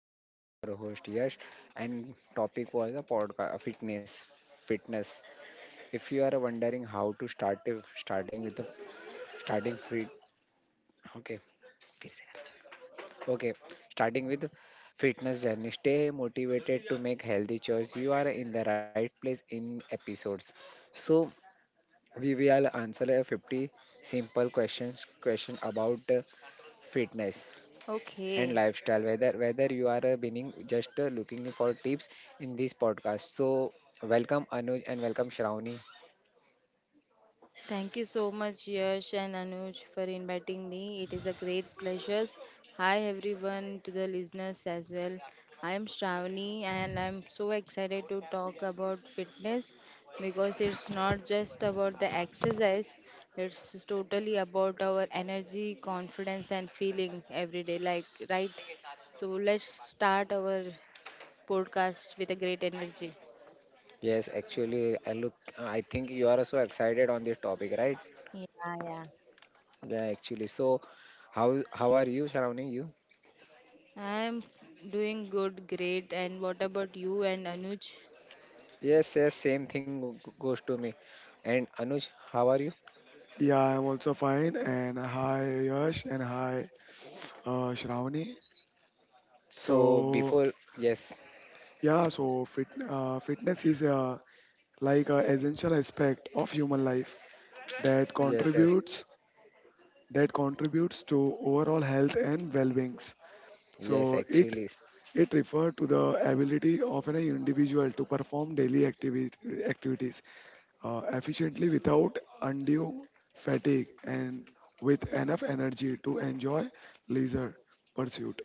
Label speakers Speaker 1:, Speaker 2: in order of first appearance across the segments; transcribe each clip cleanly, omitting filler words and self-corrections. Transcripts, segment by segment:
Speaker 1: Today I am your host Yash, and topic was a podcast fitness. If you are wondering how to start, if starting with the starting fit okay okay starting with fitness journey, stay motivated to make healthy choice. You are in the right place in episodes, so we will answer a 50 simple questions question about fitness and
Speaker 2: Okay.
Speaker 1: lifestyle, whether you are beginning, just looking for tips in this podcast. So welcome Anuj and welcome Shravani.
Speaker 2: Thank you so much, Yash and Anuj, for inviting me. It is a great pleasure. Hi, everyone, to the listeners as well. I am Shravani, and I'm so excited to talk about fitness because it's not just about the exercise, it's totally about our energy, confidence, and feeling every day. Like, right? So, let's start our podcast with a great energy.
Speaker 1: Yes, actually, I think you are so excited on this topic, right?
Speaker 2: Yeah, yeah.
Speaker 1: Yeah, actually, so how how are you, Shravani, you?
Speaker 2: Doing good, great. And what about you and Anuj?
Speaker 1: Yes, yes, same thing goes to me. And Anuj, how are you?
Speaker 3: Yeah, I'm also fine. And hi, Yash, and hi, Shravani.
Speaker 1: So
Speaker 3: So
Speaker 1: before, yes,
Speaker 3: so, fitness is like an essential aspect of human life that
Speaker 1: yes, yes,
Speaker 3: contributes that contributes to overall health and well-beings.
Speaker 1: yes,
Speaker 3: So it
Speaker 1: actually.
Speaker 3: it refers to the ability of an individual to perform daily activities efficiently without undue fatigue and with enough energy to enjoy leisure pursuit.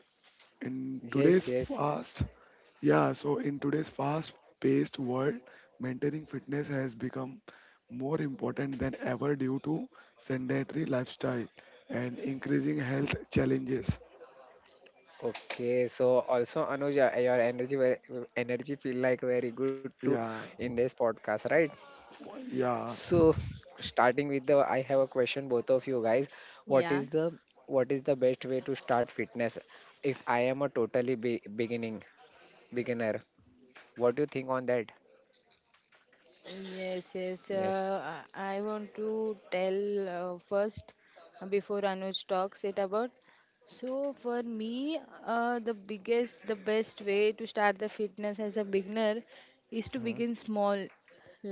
Speaker 3: In
Speaker 1: Yes,
Speaker 3: today's
Speaker 1: yes.
Speaker 3: fast Yeah, so in today's fast paced world, maintaining fitness has become more important than ever due to sedentary lifestyle and increasing health challenges.
Speaker 1: Okay, so also Anuja, your energy energy feel like very good too
Speaker 3: Yeah,
Speaker 1: in this podcast, right?
Speaker 3: yeah.
Speaker 1: So, starting with I have a question both of you guys. What
Speaker 2: Yeah.
Speaker 1: is the what is the best way to start fitness if I am a totally be beginning beginner? What do you think on that?
Speaker 2: Yes, yes.
Speaker 1: Yes.
Speaker 2: I want to tell first before Anuj talks it about. So for me, the biggest, the best way to start the fitness as a beginner is to
Speaker 1: Mhm.
Speaker 2: begin small,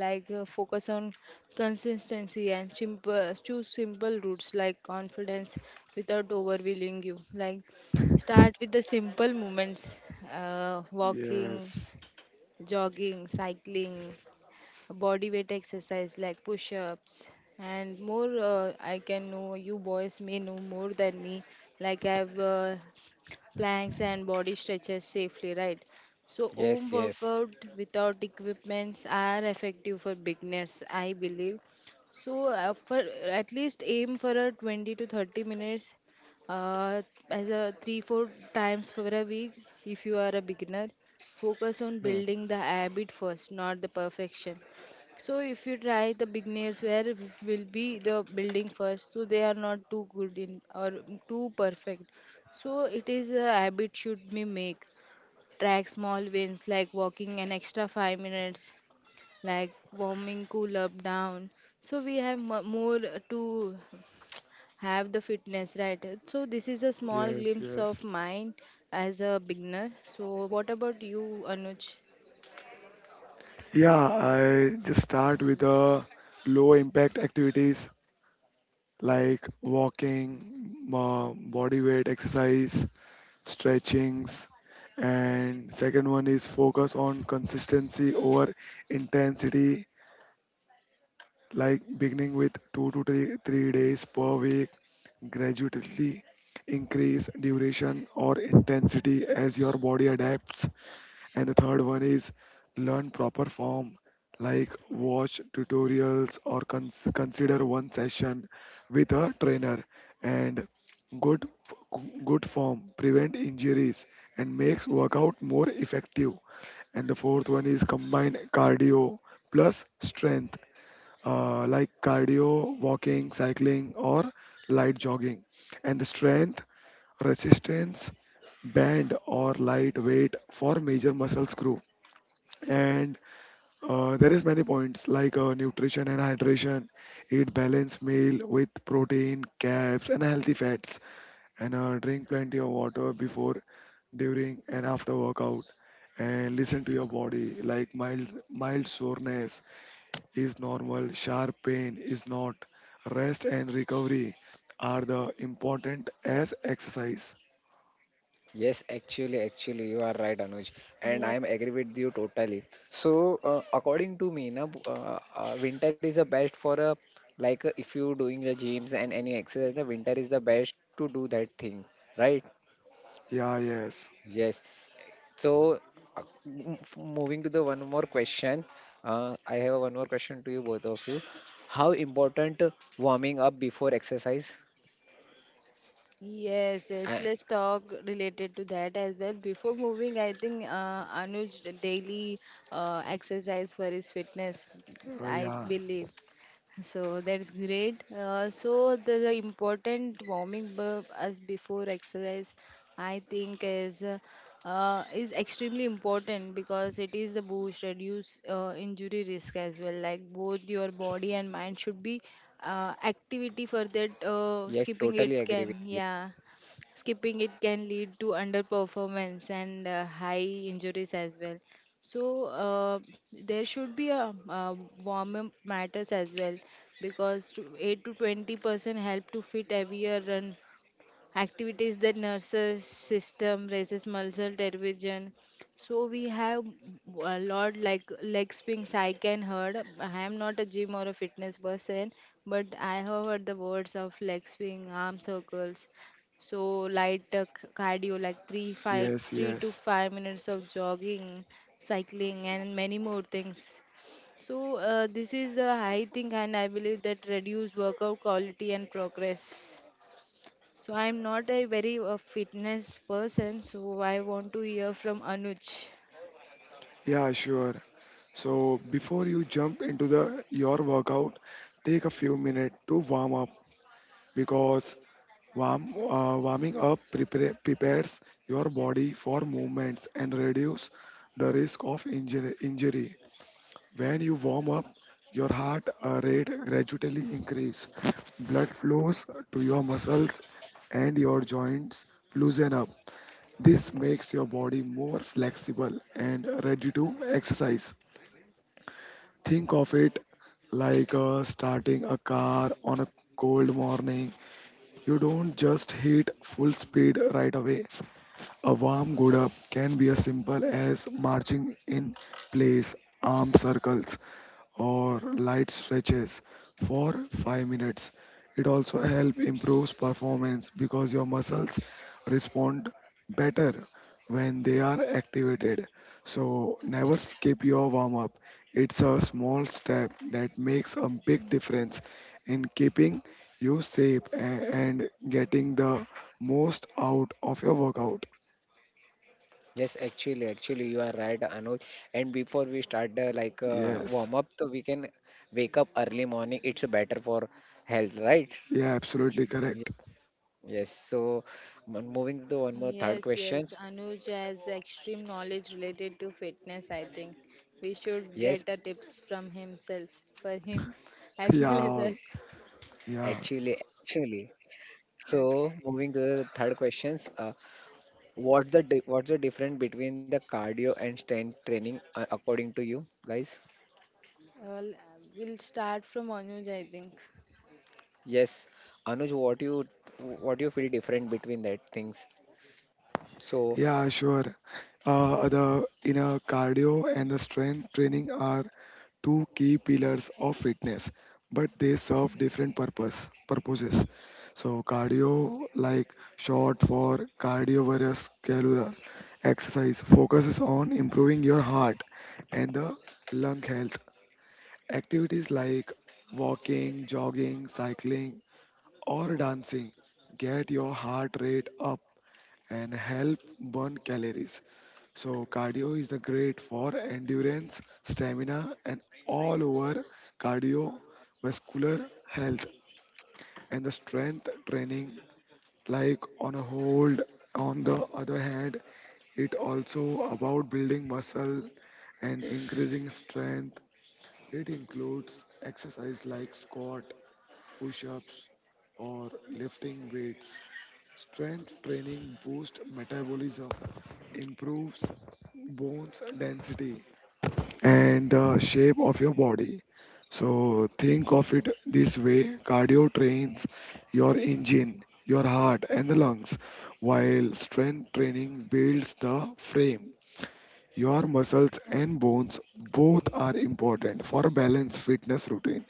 Speaker 2: like focus on consistency and simple, choose simple routes like confidence without overwhelming you. Like start with the simple movements, walking,
Speaker 3: Yes,
Speaker 2: jogging, cycling body weight exercise like push ups and more. I can know you boys may know more than me. Like I've planks and body stretches safely, right? So home
Speaker 1: Yes, yes.
Speaker 2: workout without equipments are effective for beginners, I believe. So for at least aim for a 20 to 30 minutes uh, as a 3 or 4 times for a week if you are a beginner. Focus on
Speaker 1: Hmm.
Speaker 2: building the habit first, not the perfection. So if you try the beginners where will be the building first, so they are not too good in or too perfect. So it is a habit should be make. Track small wins like walking an extra 5 minutes, like warming cool up down. So we have more to have the fitness, right? So this is a small
Speaker 3: yes,
Speaker 2: glimpse of
Speaker 3: yes.
Speaker 2: mine as a beginner. So what about you, Anuj?
Speaker 3: Yeah, I just start with low impact activities like walking, uh, body weight exercise, stretchings, and second one is focus on consistency over intensity, like beginning with two to three, 3 days per week, gradually increase duration or intensity as your body adapts. And the third one is learn proper form, like watch tutorials or consider one session with a trainer. And good good form prevent injuries and makes workout more effective. And the fourth one is combine cardio plus strength, like cardio, walking, cycling, or light jogging. And the strength, resistance, band, or light weight for major muscles group, and there is many points like nutrition and hydration, eat balanced meal with protein carbs and healthy fats, and drink plenty of water before, during, and after workout, and listen to your body like mild soreness is normal, sharp pain is not. Rest and recovery are the important as exercise.
Speaker 1: Yes, actually, you are right, Anuj, and
Speaker 2: Yeah.
Speaker 1: I am agree with you totally. So, according to me, na, winter is the best for a, like, if you doing the gyms and any exercise, the winter is the best to do that thing, right?
Speaker 3: Yeah. Yes.
Speaker 1: Yes. So, moving to the one more question, I have one more question to you both of you. How important warming up before exercise?
Speaker 2: Yes, yes.
Speaker 1: I,
Speaker 2: Let's talk related to that as well. Before moving, I think Anuj daily exercise for his fitness, I
Speaker 3: Yeah.
Speaker 2: believe. So that's great. So the important warming up as before exercise, I think is extremely important because it is the boost, reduce injury risk as well. Like both your body and mind should be activity for that.
Speaker 1: yes,
Speaker 2: Skipping it
Speaker 1: totally agree with
Speaker 2: can,
Speaker 1: you.
Speaker 2: yeah, skipping it can lead to underperformance and high injuries as well. So there should be a, warm matters as well because 8 to 20% help to fit heavier run activities that nurses system raises muscle television, so we have a lot like leg swings. I can heard, I am not a gym or a fitness person, but I have heard the words of leg swing arm circles. So light cardio like
Speaker 3: Yes,
Speaker 2: three to
Speaker 3: yes.
Speaker 2: 5 minutes of jogging, cycling, and many more things. So this is I think and I believe that reduce workout quality and progress. So I'm not a very fitness person, so I want to hear from Anuj.
Speaker 3: Yeah, sure. So before you jump into the your workout, take a few minutes to warm up, because warming up prepares your body for movements and reduce the risk of injury. When you warm up, your heart rate gradually increase, blood flows to your muscles and your joints loosen up. This makes your body more flexible and ready to exercise. Think of it like starting a car on a cold morning. You don't just hit full speed right away. A warm good up can be as simple as marching in place, arm circles, or light stretches for 5 minutes. It also helps improves performance because your muscles respond better when they are activated. So never skip your warm up. It's a small step that makes a big difference in keeping you safe and getting the most out of your workout.
Speaker 1: Yes, actually, you are right, Anuj. And before we start, like
Speaker 3: Yes.
Speaker 1: warm up, so we can wake up early morning. It's better for health, right?
Speaker 3: Yeah, absolutely
Speaker 1: Ye-
Speaker 3: correct.
Speaker 1: Yes. So, moving to the one more third
Speaker 2: Yes, yes.
Speaker 1: questions.
Speaker 2: Anuj has extreme knowledge related to fitness, I think. We should
Speaker 1: Yes,
Speaker 2: get the tips from himself for him as
Speaker 3: Yeah,
Speaker 2: well as us.
Speaker 3: yeah.
Speaker 1: actually. So,
Speaker 2: Okay.
Speaker 1: moving to the third questions. What's the difference between the cardio and strength training, according to you guys?
Speaker 2: Well, we'll start from Anuj, I think.
Speaker 1: Yes, Anuj, what you feel different between that things? So.
Speaker 3: Yeah, sure. The inner cardio and the strength training are two key pillars of fitness, but they serve different purposes. So cardio, like short for cardiovascular exercise, focuses on improving your heart and the lung health. Activities like walking, jogging, cycling, or dancing get your heart rate up and help burn calories. So cardio is the great for endurance, stamina, and all over cardiovascular health. And the strength training, like on a hold, on the other hand, it also about building muscle and increasing strength. It includes exercise like squat, push-ups, or lifting weights. Strength training boosts metabolism, improves bones density and the shape of your body. So think of it this way: cardio trains your engine, your heart, and the lungs, while strength training builds the frame. Your muscles and bones, both are important for a balanced fitness routine.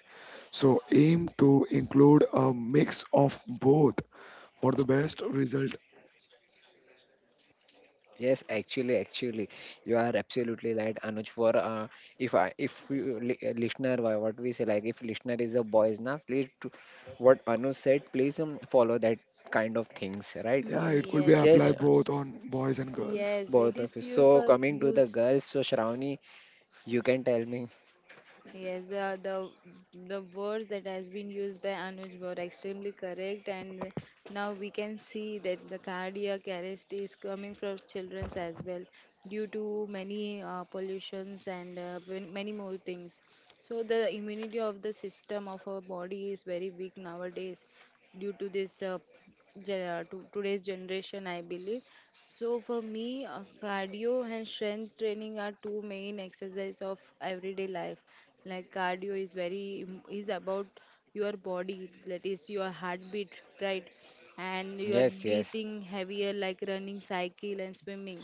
Speaker 3: So aim to include a mix of both for the best result.
Speaker 1: Yes, actually, you are absolutely right, Anuj. For If I, if you, li listener, what we say, like if listener is a boys, now please, to, what Anuj said, please follow that kind of things, right?
Speaker 3: Yeah, it could be
Speaker 2: Yes,
Speaker 3: apply
Speaker 1: Yes,
Speaker 3: both
Speaker 2: yes.
Speaker 3: on boys and girls.
Speaker 2: Yes, it
Speaker 1: both of
Speaker 2: is
Speaker 1: you.
Speaker 2: your
Speaker 1: So
Speaker 2: for
Speaker 1: coming to the
Speaker 2: views.
Speaker 1: girls, so Shravani, you can tell me.
Speaker 2: Yes, the words that has been used by Anuj were extremely correct, and now we can see that the cardiac arrest is coming from childrens as well due to many pollutions and many more things. So the immunity of the system of our body is very weak nowadays due to this to today's generation, I believe. So for me, cardio and strength training are two main exercise of everyday life. Like cardio is about your body, that is your heartbeat, right? And your
Speaker 1: Yes, yes,
Speaker 2: breathing heavier, like running, cycle, and swimming.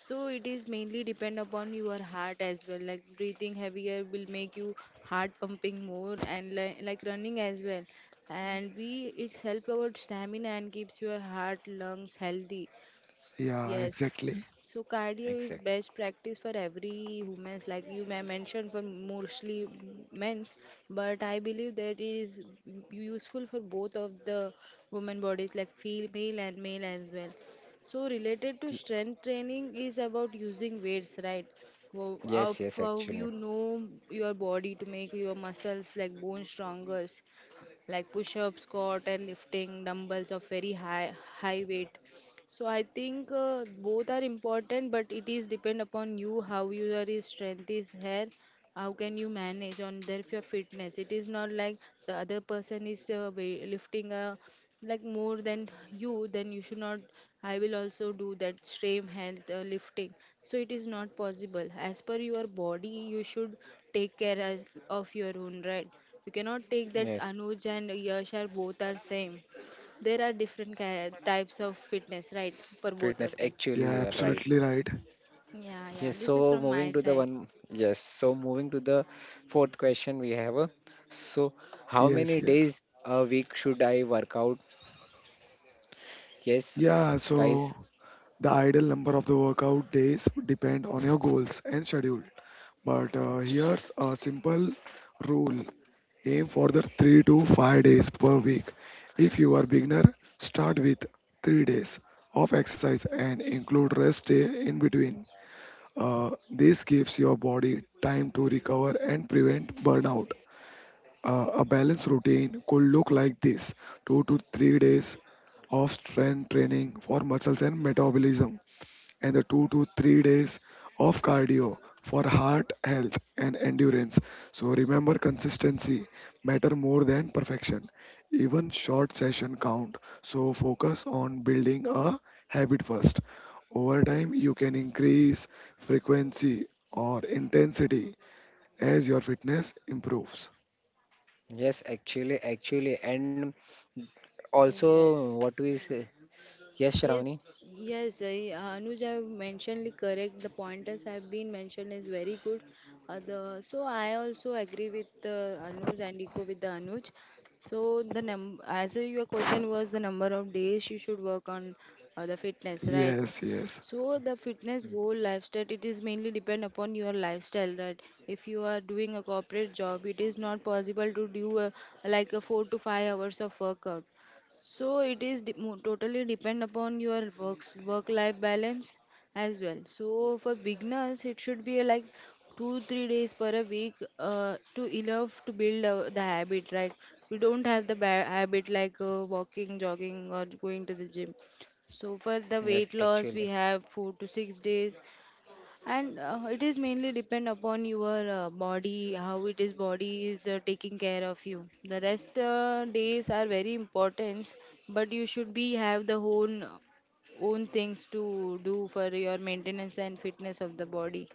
Speaker 2: So it is mainly depend upon your heart as well. Like breathing heavier will make you heart pumping more, and like running as well. And we it help our stamina and keeps your heart lungs healthy.
Speaker 3: Yeah,
Speaker 2: Yes.
Speaker 3: exactly.
Speaker 2: So cardio is
Speaker 1: exact.
Speaker 2: best practice for every women's, like you may mentioned for mostly men's, but I believe that it is useful for both of the women bodies, like female and male as well. So related to
Speaker 1: y-
Speaker 2: strength training is about using weights, right? How, how
Speaker 1: Yes, yes,
Speaker 2: how
Speaker 1: actually,
Speaker 2: you know your body to make your muscles like bone stronger, like push-up, squat, and lifting dumbbells of very high weight. So I think both are important, but it is depend upon you how your is strength is here, how can you manage on their your fitness. It is not like the other person is lifting a like more than you, then you should not. I will also do that same health lifting. So it is not possible as per your body. You should take care of your own, right? You cannot take that
Speaker 1: yes.
Speaker 2: Anuj and Yash are both are same. There are different types of fitness, right, for both of
Speaker 1: Fitness,
Speaker 2: them?
Speaker 3: Yeah,
Speaker 1: actually, you are right.
Speaker 3: absolutely right.
Speaker 2: Yeah, yeah,
Speaker 1: Yes,
Speaker 2: this is
Speaker 1: so
Speaker 2: from my
Speaker 1: moving to the
Speaker 2: side.
Speaker 1: yes, so moving to the fourth question we have. So, how
Speaker 3: Yes,
Speaker 1: many
Speaker 3: yes.
Speaker 1: days a week should I work out? Yes,
Speaker 3: Yeah, so
Speaker 1: guys.
Speaker 3: the ideal number of the workout days depend on your goals and schedule. But
Speaker 1: Okay.
Speaker 3: here's a simple rule. Aim for the 3 to 5 days per week. If you are beginner, start with 3 days of exercise and include rest day in between. This gives your body time to recover and prevent burnout. A balanced routine could look like this: 2 to 3 days of strength training for muscles and metabolism, and the 2 to 3 days of cardio for heart health and endurance. So remember, consistency matter more than perfection. Even short session count. So focus on building a habit first. Over time, you can increase frequency or intensity as your fitness improves.
Speaker 1: Yes, actually, and
Speaker 2: Yes.
Speaker 1: also, what do we say? Yes,
Speaker 2: Yes,
Speaker 1: Shravani.
Speaker 2: yes, Anuj have mentioned it correct. The pointers have been mentioned is very good. The so I also agree with the Anuj and echo with the Anuj. So the num as a, your question was the number of days you should work on the fitness, right?
Speaker 3: Yes, yes,
Speaker 2: So the fitness
Speaker 1: Mm.
Speaker 2: goal lifestyle it is mainly depend upon your lifestyle, right? If you are doing a corporate job, it is not possible to do a, like a 4 to 5 hours of workout, so it is totally depend upon your works work life balance as well. So for beginners, it should be like 2 or 3 days per a week to enough to build the habit. Right? We don't have the habit like walking, jogging, or going to the gym. So for the
Speaker 1: Yes,
Speaker 2: weight loss, we
Speaker 1: actually,
Speaker 2: have 4 to 6 days, and it is mainly depend upon your body how it is body is taking care of you. The rest days are very important, but you should be have the own things to do for your maintenance and fitness of the body.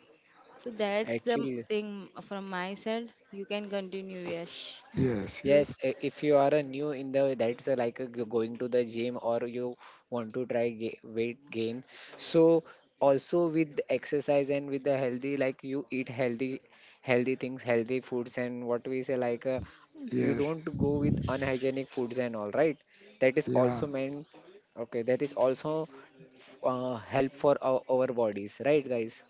Speaker 2: So that's the
Speaker 1: actually.
Speaker 2: thing from my side. You can continue, Yash.
Speaker 3: yes,
Speaker 1: Yes,
Speaker 3: yes,
Speaker 1: if you are a new in the that's a like a g- going to the gym, or you want to try weight gain. So also with exercise and with the healthy, like you eat healthy things, healthy foods, and what we say, like you
Speaker 3: yes.
Speaker 1: don't go with unhygienic foods and all, right? That is
Speaker 3: Yeah,
Speaker 1: also meant. Okay, that is also help for our bodies, right, guys?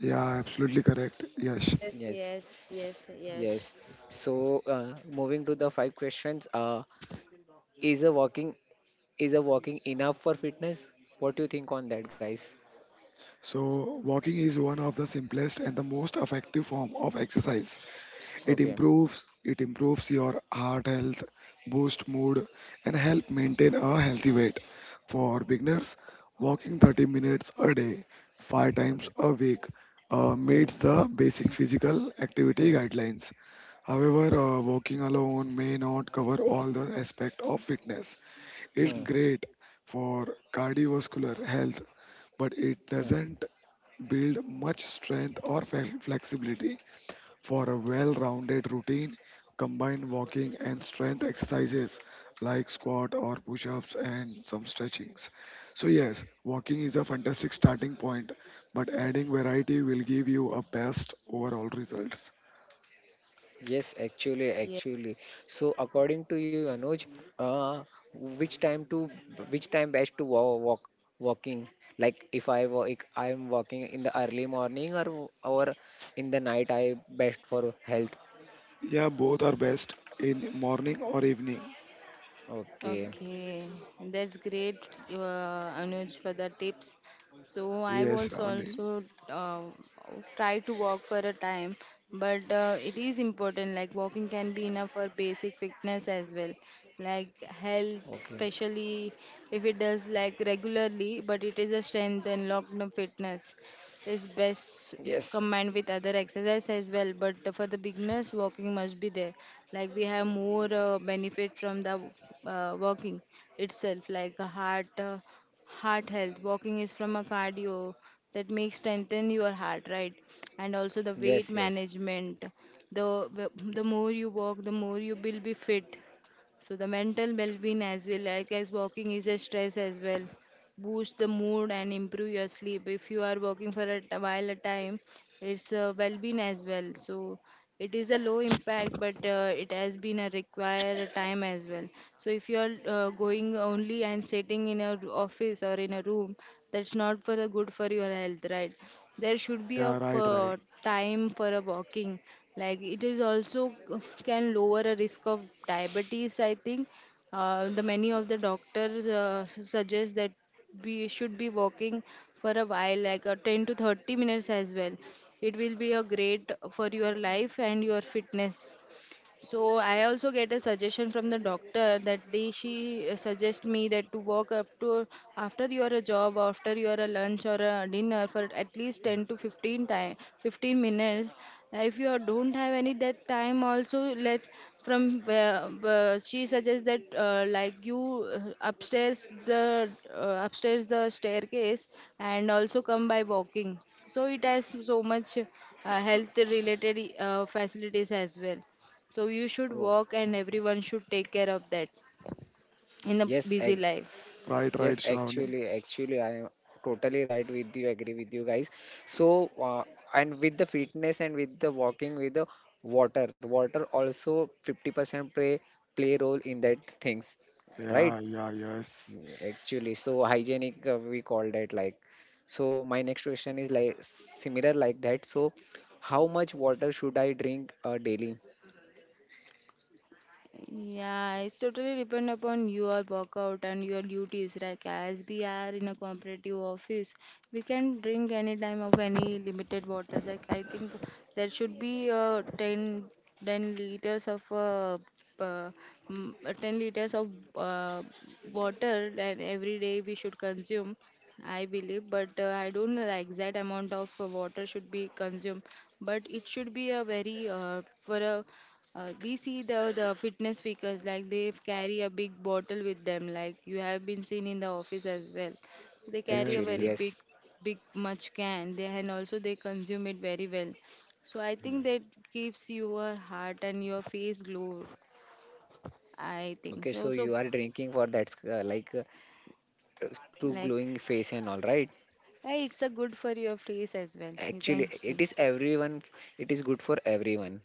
Speaker 3: yeah, absolutely correct. Yes.
Speaker 2: Yes,
Speaker 1: Yes,
Speaker 2: yes, yes,
Speaker 1: S- yes.
Speaker 2: yes.
Speaker 1: So, moving to the five questions. Is a walking Is a walking enough for fitness? What do you think on that, guys?
Speaker 3: So, walking is one of the simplest and the most effective form of exercise. It
Speaker 1: Okay.
Speaker 3: improves it improves your heart health, boost mood, and help maintain a healthy weight. For beginners, walking 30 minutes a day, five times
Speaker 1: Okay.
Speaker 3: a week,
Speaker 1: Hmm.
Speaker 3: meets the basic physical activity
Speaker 1: Hmm.
Speaker 3: guidelines. However, walking alone may not cover all the aspects of fitness. It's
Speaker 1: Hmm.
Speaker 3: great for cardiovascular health, but it
Speaker 1: Hmm.
Speaker 3: doesn't build much strength or flexibility. For a well-rounded routine, combine walking and strength exercises like squat or push-ups and some stretchings. So yes, walking is a fantastic starting point, but adding variety will give you a best overall results.
Speaker 1: Yes, actually. So, according to you, Anuj, uh, which time to which time best to walking? Like if I walk, I am walking in the early morning or in the night, I best for health.
Speaker 3: Yeah, both are best in morning or evening.
Speaker 1: Okay.
Speaker 2: Okay, that's great, Anuj, for the tips. So I
Speaker 3: Yes,
Speaker 2: was
Speaker 3: Shravani.
Speaker 2: also uh, try to walk for a time, but it is important. Like walking can be enough for basic fitness as well, like health,
Speaker 1: Okay.
Speaker 2: especially if it does like regularly. But it is a strength and long-term fitness is best
Speaker 1: Yes.
Speaker 2: combined with other exercise as well. But for the beginners walking must be there, like we have more benefit from the walking itself, like a heart health. Walking is from a cardio that makes strengthen your heart, right? And also the weight
Speaker 1: Yes. Yes.
Speaker 2: management, the the more you walk, the more you will be fit. So the mental well-being as well, like as walking is a stress as well, boost the mood and improve your sleep. If you are working for a while a time, it's well-being as well. So it is a low impact, but it has been a required time as well. So if you are going only and sitting in a office or in a room, that's not for the good for your health, right? There should be a
Speaker 3: Yeah, right, right,
Speaker 2: time for a walking. Like it is also can lower a risk of diabetes, I think. The many of the doctors suggest that we should be walking for a while, like 10 to 30 minutes as well. It will be a great for your life and your fitness. So I also get a suggestion from the doctor that they she suggest me that to walk up to after your a job, after your a lunch or a dinner for at least 10 to 15 time, 15 minutes. If you don't have any that time, also let from where she suggests that like you upstairs the staircase and also come by walking. So it has so much health related facilities as well. So you should
Speaker 1: Oh.
Speaker 2: walk and everyone should take care of that in a
Speaker 1: Yes.
Speaker 2: busy life.
Speaker 3: right, right,
Speaker 1: Yes,
Speaker 3: Shravani.
Speaker 1: actually, I am totally right with you, agree with you guys. So, and with the fitness and with the walking, with the water also 50% play role in that things, right?
Speaker 3: Yeah, yeah. Yes,
Speaker 1: Actually, so hygienic, we call that like. So my next question is like similar like that. So, how much water should I drink daily?
Speaker 2: Yeah, it's totally depend upon your workout and your duties. Like as we are in a cooperative office, we can drink any time of any limited waters. Like I think there should be 10 liters of uh, 10 liters of uh, water that every day we should consume. I believe, but I don't know the exact amount of water should be consumed. But it should be a very for a we see the fitness speakers like they carry a big bottle with them, like you have been seen in the office as well. They carry a
Speaker 3: yes,
Speaker 2: very
Speaker 1: Actually,
Speaker 2: big,
Speaker 1: yes.
Speaker 3: yes.
Speaker 2: big much can. They and also they consume it very well. So I think
Speaker 1: Hmm.
Speaker 2: that keeps your heart and your face glow. I think
Speaker 1: Okay, so
Speaker 2: so. So
Speaker 1: you are drinking for that like to
Speaker 2: like,
Speaker 1: glowing face and all, right?
Speaker 2: yeah, it's a good for your face as well. You can
Speaker 1: Actually, it
Speaker 2: see.
Speaker 1: is everyone, it is good for everyone.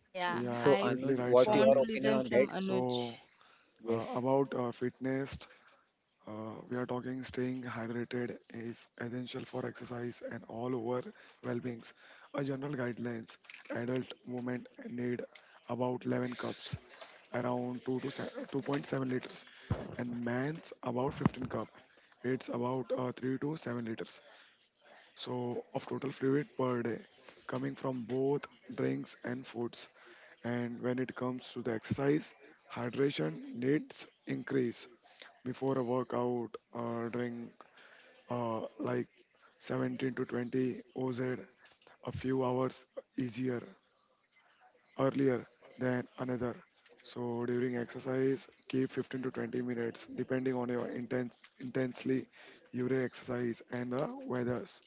Speaker 2: Mm, yeah,
Speaker 3: Yeah,
Speaker 1: So,
Speaker 2: I
Speaker 3: absolutely
Speaker 1: Anuj,
Speaker 3: right,
Speaker 1: what
Speaker 2: want
Speaker 1: your
Speaker 3: Shravani.
Speaker 2: to
Speaker 1: opinion
Speaker 2: listen
Speaker 1: on that?
Speaker 2: from
Speaker 3: So,
Speaker 2: Anuj.
Speaker 1: Yes,
Speaker 3: about fitness, we are talking staying hydrated is essential for exercise and all over well-beings. A general guidelines: adult women need about 11 cups, around 2 to 2.7 liters, and men's about 15 cup. It's about 3 to 7 liters. So, of total fluid per day, coming from both drinks and foods. And when it comes to the exercise, hydration needs increase. Before a workout, drink like 17 to 20 oz a few hours easier earlier than another. So during exercise, keep 15 to 20 minutes depending on your intensely urea exercise and the weathers.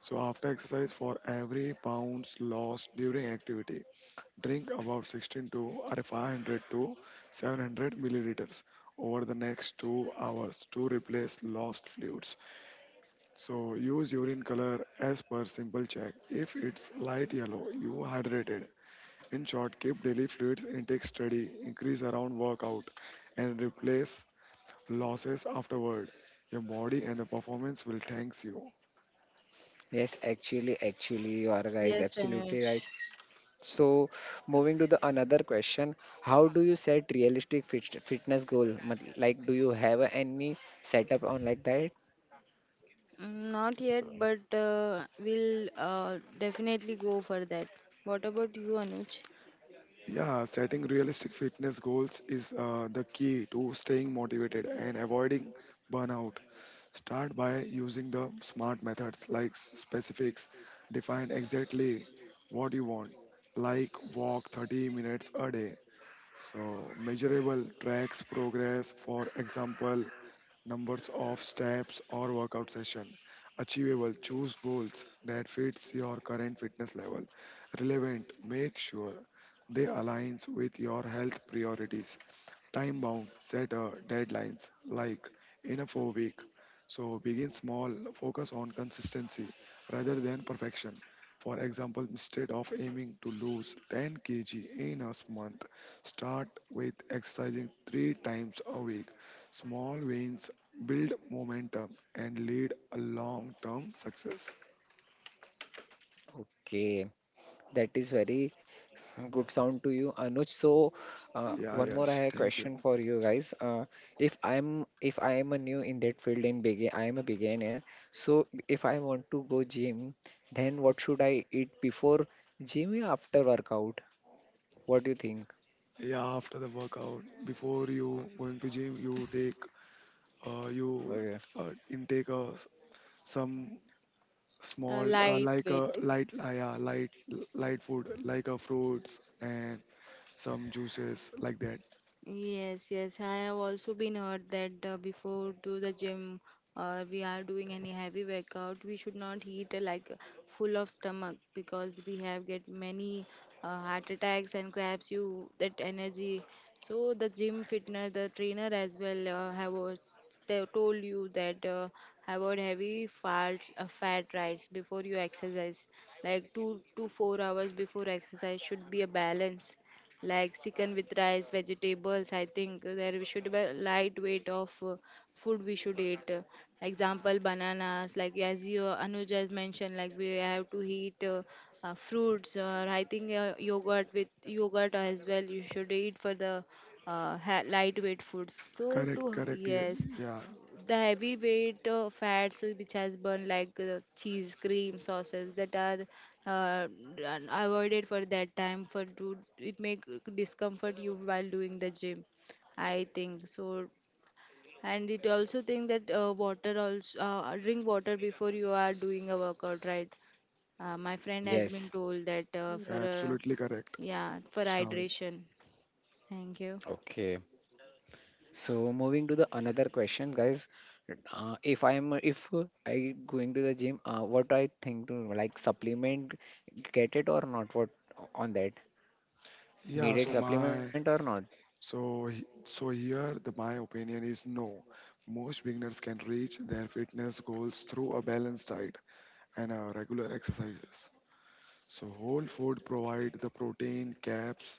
Speaker 3: So after exercise, for every pounds lost during activity, drink about 16 to, or 500 to 700 milliliters over the next 2 hours to replace lost fluids. So use urine color as per simple check. If it's light yellow, you hydrated. In short, keep daily fluids intake steady, increase around workout, and replace losses afterward. Your body and the performance will thanks you.
Speaker 1: yes, actually, you are guys
Speaker 2: Yes,
Speaker 1: absolutely
Speaker 2: Anuj.
Speaker 1: right. So, moving to the another question, how do you set realistic fitness goal? Like, do you have a any setup on like that?
Speaker 2: Mm, not yet, but we'll definitely go for that. What about you, Anuj?
Speaker 3: Yeah, setting realistic fitness goals is the key to staying motivated and avoiding burnout. Start by using the SMART methods, like specifics. Define exactly what you want, like walk 30 minutes a day. So, measurable tracks progress, for example, numbers of steps or workout session. Achievable, choose goals that fits your current fitness level. Relevant, make sure they aligns with your health priorities. Time bound, set deadlines like in a 4 week. So begin small, focus on consistency rather than perfection. For example, instead of aiming to lose 10 kg in a month, start with exercising three times a week. Small wins build momentum and lead a long term success.
Speaker 1: Okay, that is very.
Speaker 2: Yes.
Speaker 1: Good sound to you, Anuj. So,
Speaker 3: Yeah,
Speaker 1: one more I
Speaker 3: yes,
Speaker 1: have a
Speaker 3: thank you.
Speaker 1: question for you guys. If I'm if I am a new in that field, in begin I am a beginner. So, if I want to go gym, then what should I eat before gym or after workout? What do you think?
Speaker 3: Yeah, after the workout, before you going to gym, you take you
Speaker 1: Okay.
Speaker 3: intake a some small, like a
Speaker 2: Lightweight.
Speaker 3: light yeah, light light food like a fruits and some juices like that.
Speaker 2: Yes, yes. I have also been heard that before to the gym or we are doing any heavy workout, we should not eat like full of stomach because we have get many heart attacks and grabs you that energy. So the gym fitness, the trainer as well they told you that avoid heavy fats, fat rights before you exercise. Like 2 to 4 hours before exercise should be a balance like chicken with rice, vegetables. I think there we should be light weight of food we should eat. Example bananas, like as you Anuj has mentioned, like we have to eat fruits or I think yogurt with yogurt as well. You should eat for the lightweight foods. So
Speaker 3: Correct,
Speaker 2: to
Speaker 3: correct. Yeah,
Speaker 2: yes,
Speaker 3: yeah,
Speaker 2: the heavyweight fats which has burned like cheese, cream, sauces that are uh, and avoided for that time for to it make discomfort you while doing the gym. I think so. And it also think that water also drink water before you are doing a workout, right? My friend has been
Speaker 1: Yes.
Speaker 2: told that for
Speaker 3: absolutely correct,
Speaker 2: yeah for
Speaker 3: Shravani.
Speaker 2: hydration. Thank you.
Speaker 1: Okay. So moving to the another question, guys. If I'm if I going to the gym, what I think to like supplement get it or not? What on that?
Speaker 3: Yeah,
Speaker 1: Needed
Speaker 3: so
Speaker 1: supplement
Speaker 3: my,
Speaker 1: or not?
Speaker 3: so here the my opinion is no, most beginners can reach their fitness goals through a balanced diet and regular exercises. So whole food provide the protein, caps,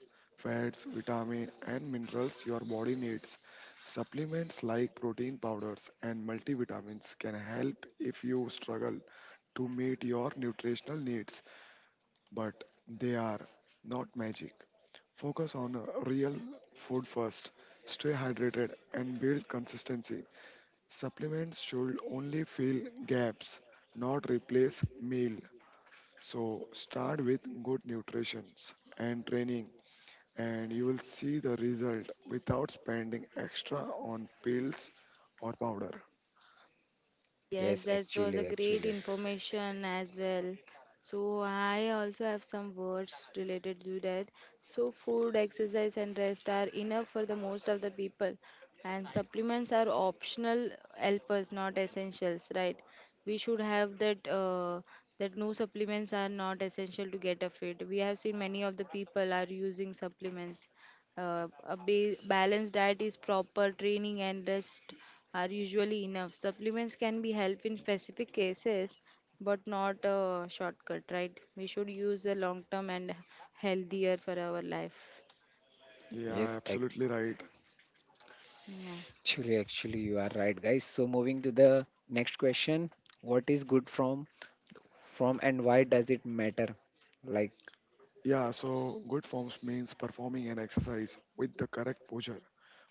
Speaker 3: fats, vitamin and minerals your body needs. Supplements like protein powders and multivitamins can help if you struggle to meet your nutritional needs, but they are not magic. Focus on real food first. Stay hydrated and build consistency. Supplements should only fill gaps, not replace meal. So start with good nutrition and training, and you will see the result without spending extra on pills or powder.
Speaker 1: Yes,
Speaker 2: Yes, that was a
Speaker 1: actually,
Speaker 2: great
Speaker 1: actually.
Speaker 2: information as well. So I also have some words related to that. So food, exercise and rest are enough for the most of the people and supplements are optional helpers, not essentials, right? We should have that that no supplements are not essential to get a fit. We have seen many of the people are using supplements balanced diet is proper, training and rest are usually enough. Supplements can be help in specific cases, but not a shortcut, right? We should use a long term and healthier for our life.
Speaker 3: Yeah,
Speaker 1: Yes,
Speaker 3: absolutely right.
Speaker 2: Yeah.
Speaker 1: actually, you are right, guys. So moving to the next question. What is good from and why does it matter? Like,
Speaker 3: Yeah, so good forms means performing an exercise with the correct posture,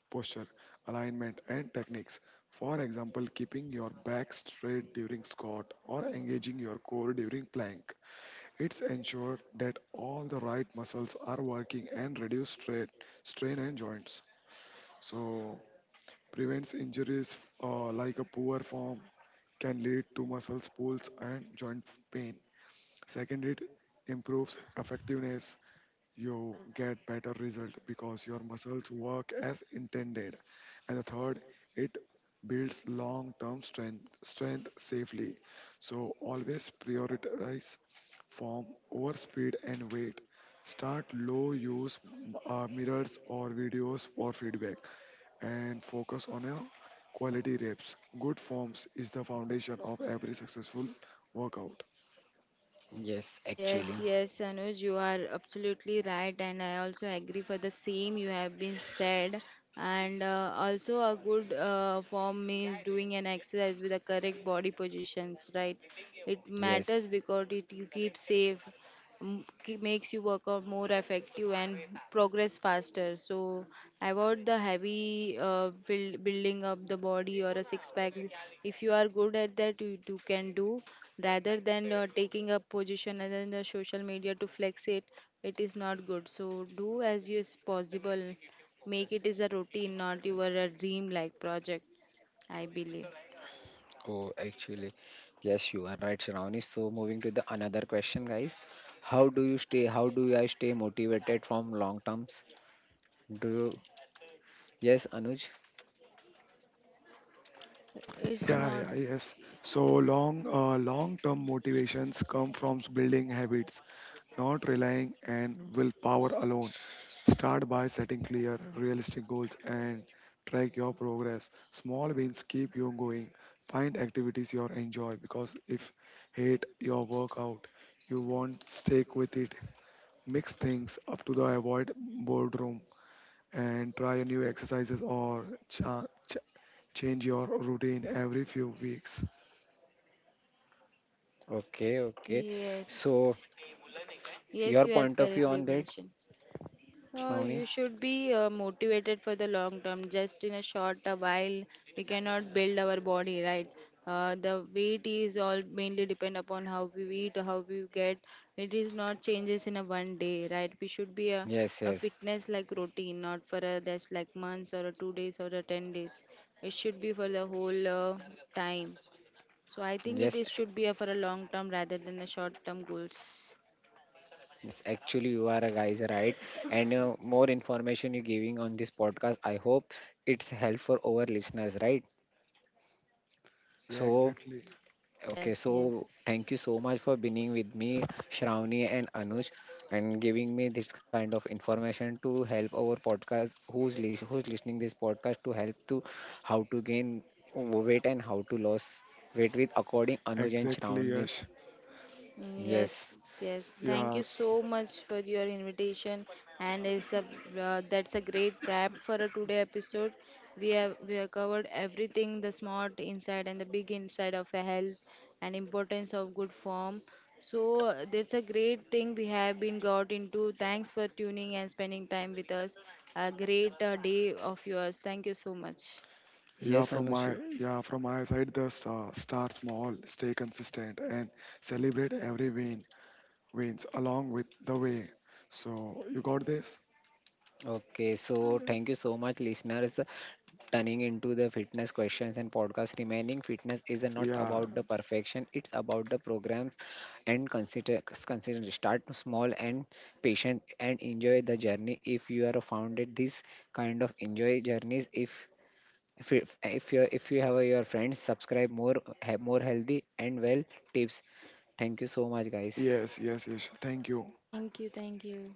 Speaker 3: posture, alignment, and techniques. For example, keeping your back straight during squat or engaging your core during plank. It's ensured that all the right muscles are working and reduce strain and joints. So prevents injuries, like a poor form can lead to muscles pulls and joint pain. Second, it improves effectiveness. You get better result because your muscles work as intended. And the third, it builds long-term strength safely. So always prioritize form over speed and weight. Start low. Use mirrors or videos for feedback and focus on your quality reps. Good forms is the foundation of every successful workout.
Speaker 1: yes,
Speaker 2: Yes,
Speaker 1: actually.
Speaker 2: yes, Anuj, you are absolutely right, and I also agree for the same you have been said. And also, a good form means doing an exercise with the correct body positions, right? It matters
Speaker 1: Yes.
Speaker 2: because it you keep safe makes you work out more effective and progress faster. So avoid the heavy building up the body or a six pack. If you are good at that, you can do rather than taking a position and then the social media to flex it. It is not good. So do as you is possible. Make it is a routine, not your a dream like project. I believe
Speaker 1: Oh, actually. Yes, you are right, Shravani. So moving to the another question, guys. How do you stay? How do I stay motivated from long terms? Do you Yes, Anuj?
Speaker 2: it's
Speaker 1: An
Speaker 3: Yeah,
Speaker 2: not.
Speaker 3: yeah, yes. So long-term motivations come from building habits, not relying on willpower alone. Start by setting clear, realistic goals and track your progress. Small wins keep you going. Find activities you enjoy, because if hate your workout, you won't stick with it. Mix things up to the avoid boredom and try a new exercises or change your routine every few weeks.
Speaker 1: Okay, okay. So
Speaker 2: Yes, yes,
Speaker 1: your
Speaker 2: you have
Speaker 1: point of view
Speaker 2: correctly
Speaker 1: on that,
Speaker 2: mentioned.
Speaker 1: Shravani?
Speaker 2: You should be motivated for the long term. Just in a short a while, we cannot build our body, right? The weight is all mainly depend upon how we eat, how we get. It is not changes in a one day, right? We should be
Speaker 1: Yes,
Speaker 2: a
Speaker 1: yes,
Speaker 2: fitness like routine, not for a that's like months or a 2 days or a 10 days. It should be for the whole time. So I think it
Speaker 1: yes.
Speaker 2: is should be for a long term rather than the short term goals.
Speaker 1: It's actually you are a guys right, and more information you're giving on this podcast. I hope it's helpful for our listeners, right?
Speaker 3: Yeah,
Speaker 1: So,
Speaker 3: exactly.
Speaker 1: okay,
Speaker 2: Yes,
Speaker 1: so
Speaker 2: yes.
Speaker 1: thank you so much for being with me, Shravani and Anuj, and giving me this kind of information to help our podcast. Who's listening this podcast to help to how to gain weight and how to lose weight with according Anuj and
Speaker 3: Exactly,
Speaker 1: Shravani's.
Speaker 3: Yash.
Speaker 2: Yes,
Speaker 1: Yes,
Speaker 2: yes. Thank you
Speaker 3: Yes.
Speaker 2: so much for your invitation, and it's a that's a great wrap for a today episode. We have covered everything, the smart inside and the big inside of a health and importance of good form. So that's a great thing we have been got into. Thanks for tuning and spending time with us. A great day of yours. Thank you so much.
Speaker 3: Yeah,
Speaker 1: yes,
Speaker 3: from
Speaker 1: Anuj.
Speaker 3: my yeah, from my side, the start small, stay consistent, and celebrate every wins along with the way. So you got this?
Speaker 1: Okay, so thank you so much, listeners. Turning into the fitness questions and podcast remaining, fitness is not
Speaker 3: Yeah.
Speaker 1: about the perfection, it's about the programs, and consider start small and patient and enjoy the journey. If you are founded this kind of enjoy journeys, if you have your friends, subscribe more, have more healthy and well tips. Thank you so much, guys.
Speaker 3: Yes, yes, Yash. Thank you.
Speaker 2: Thank you, thank you.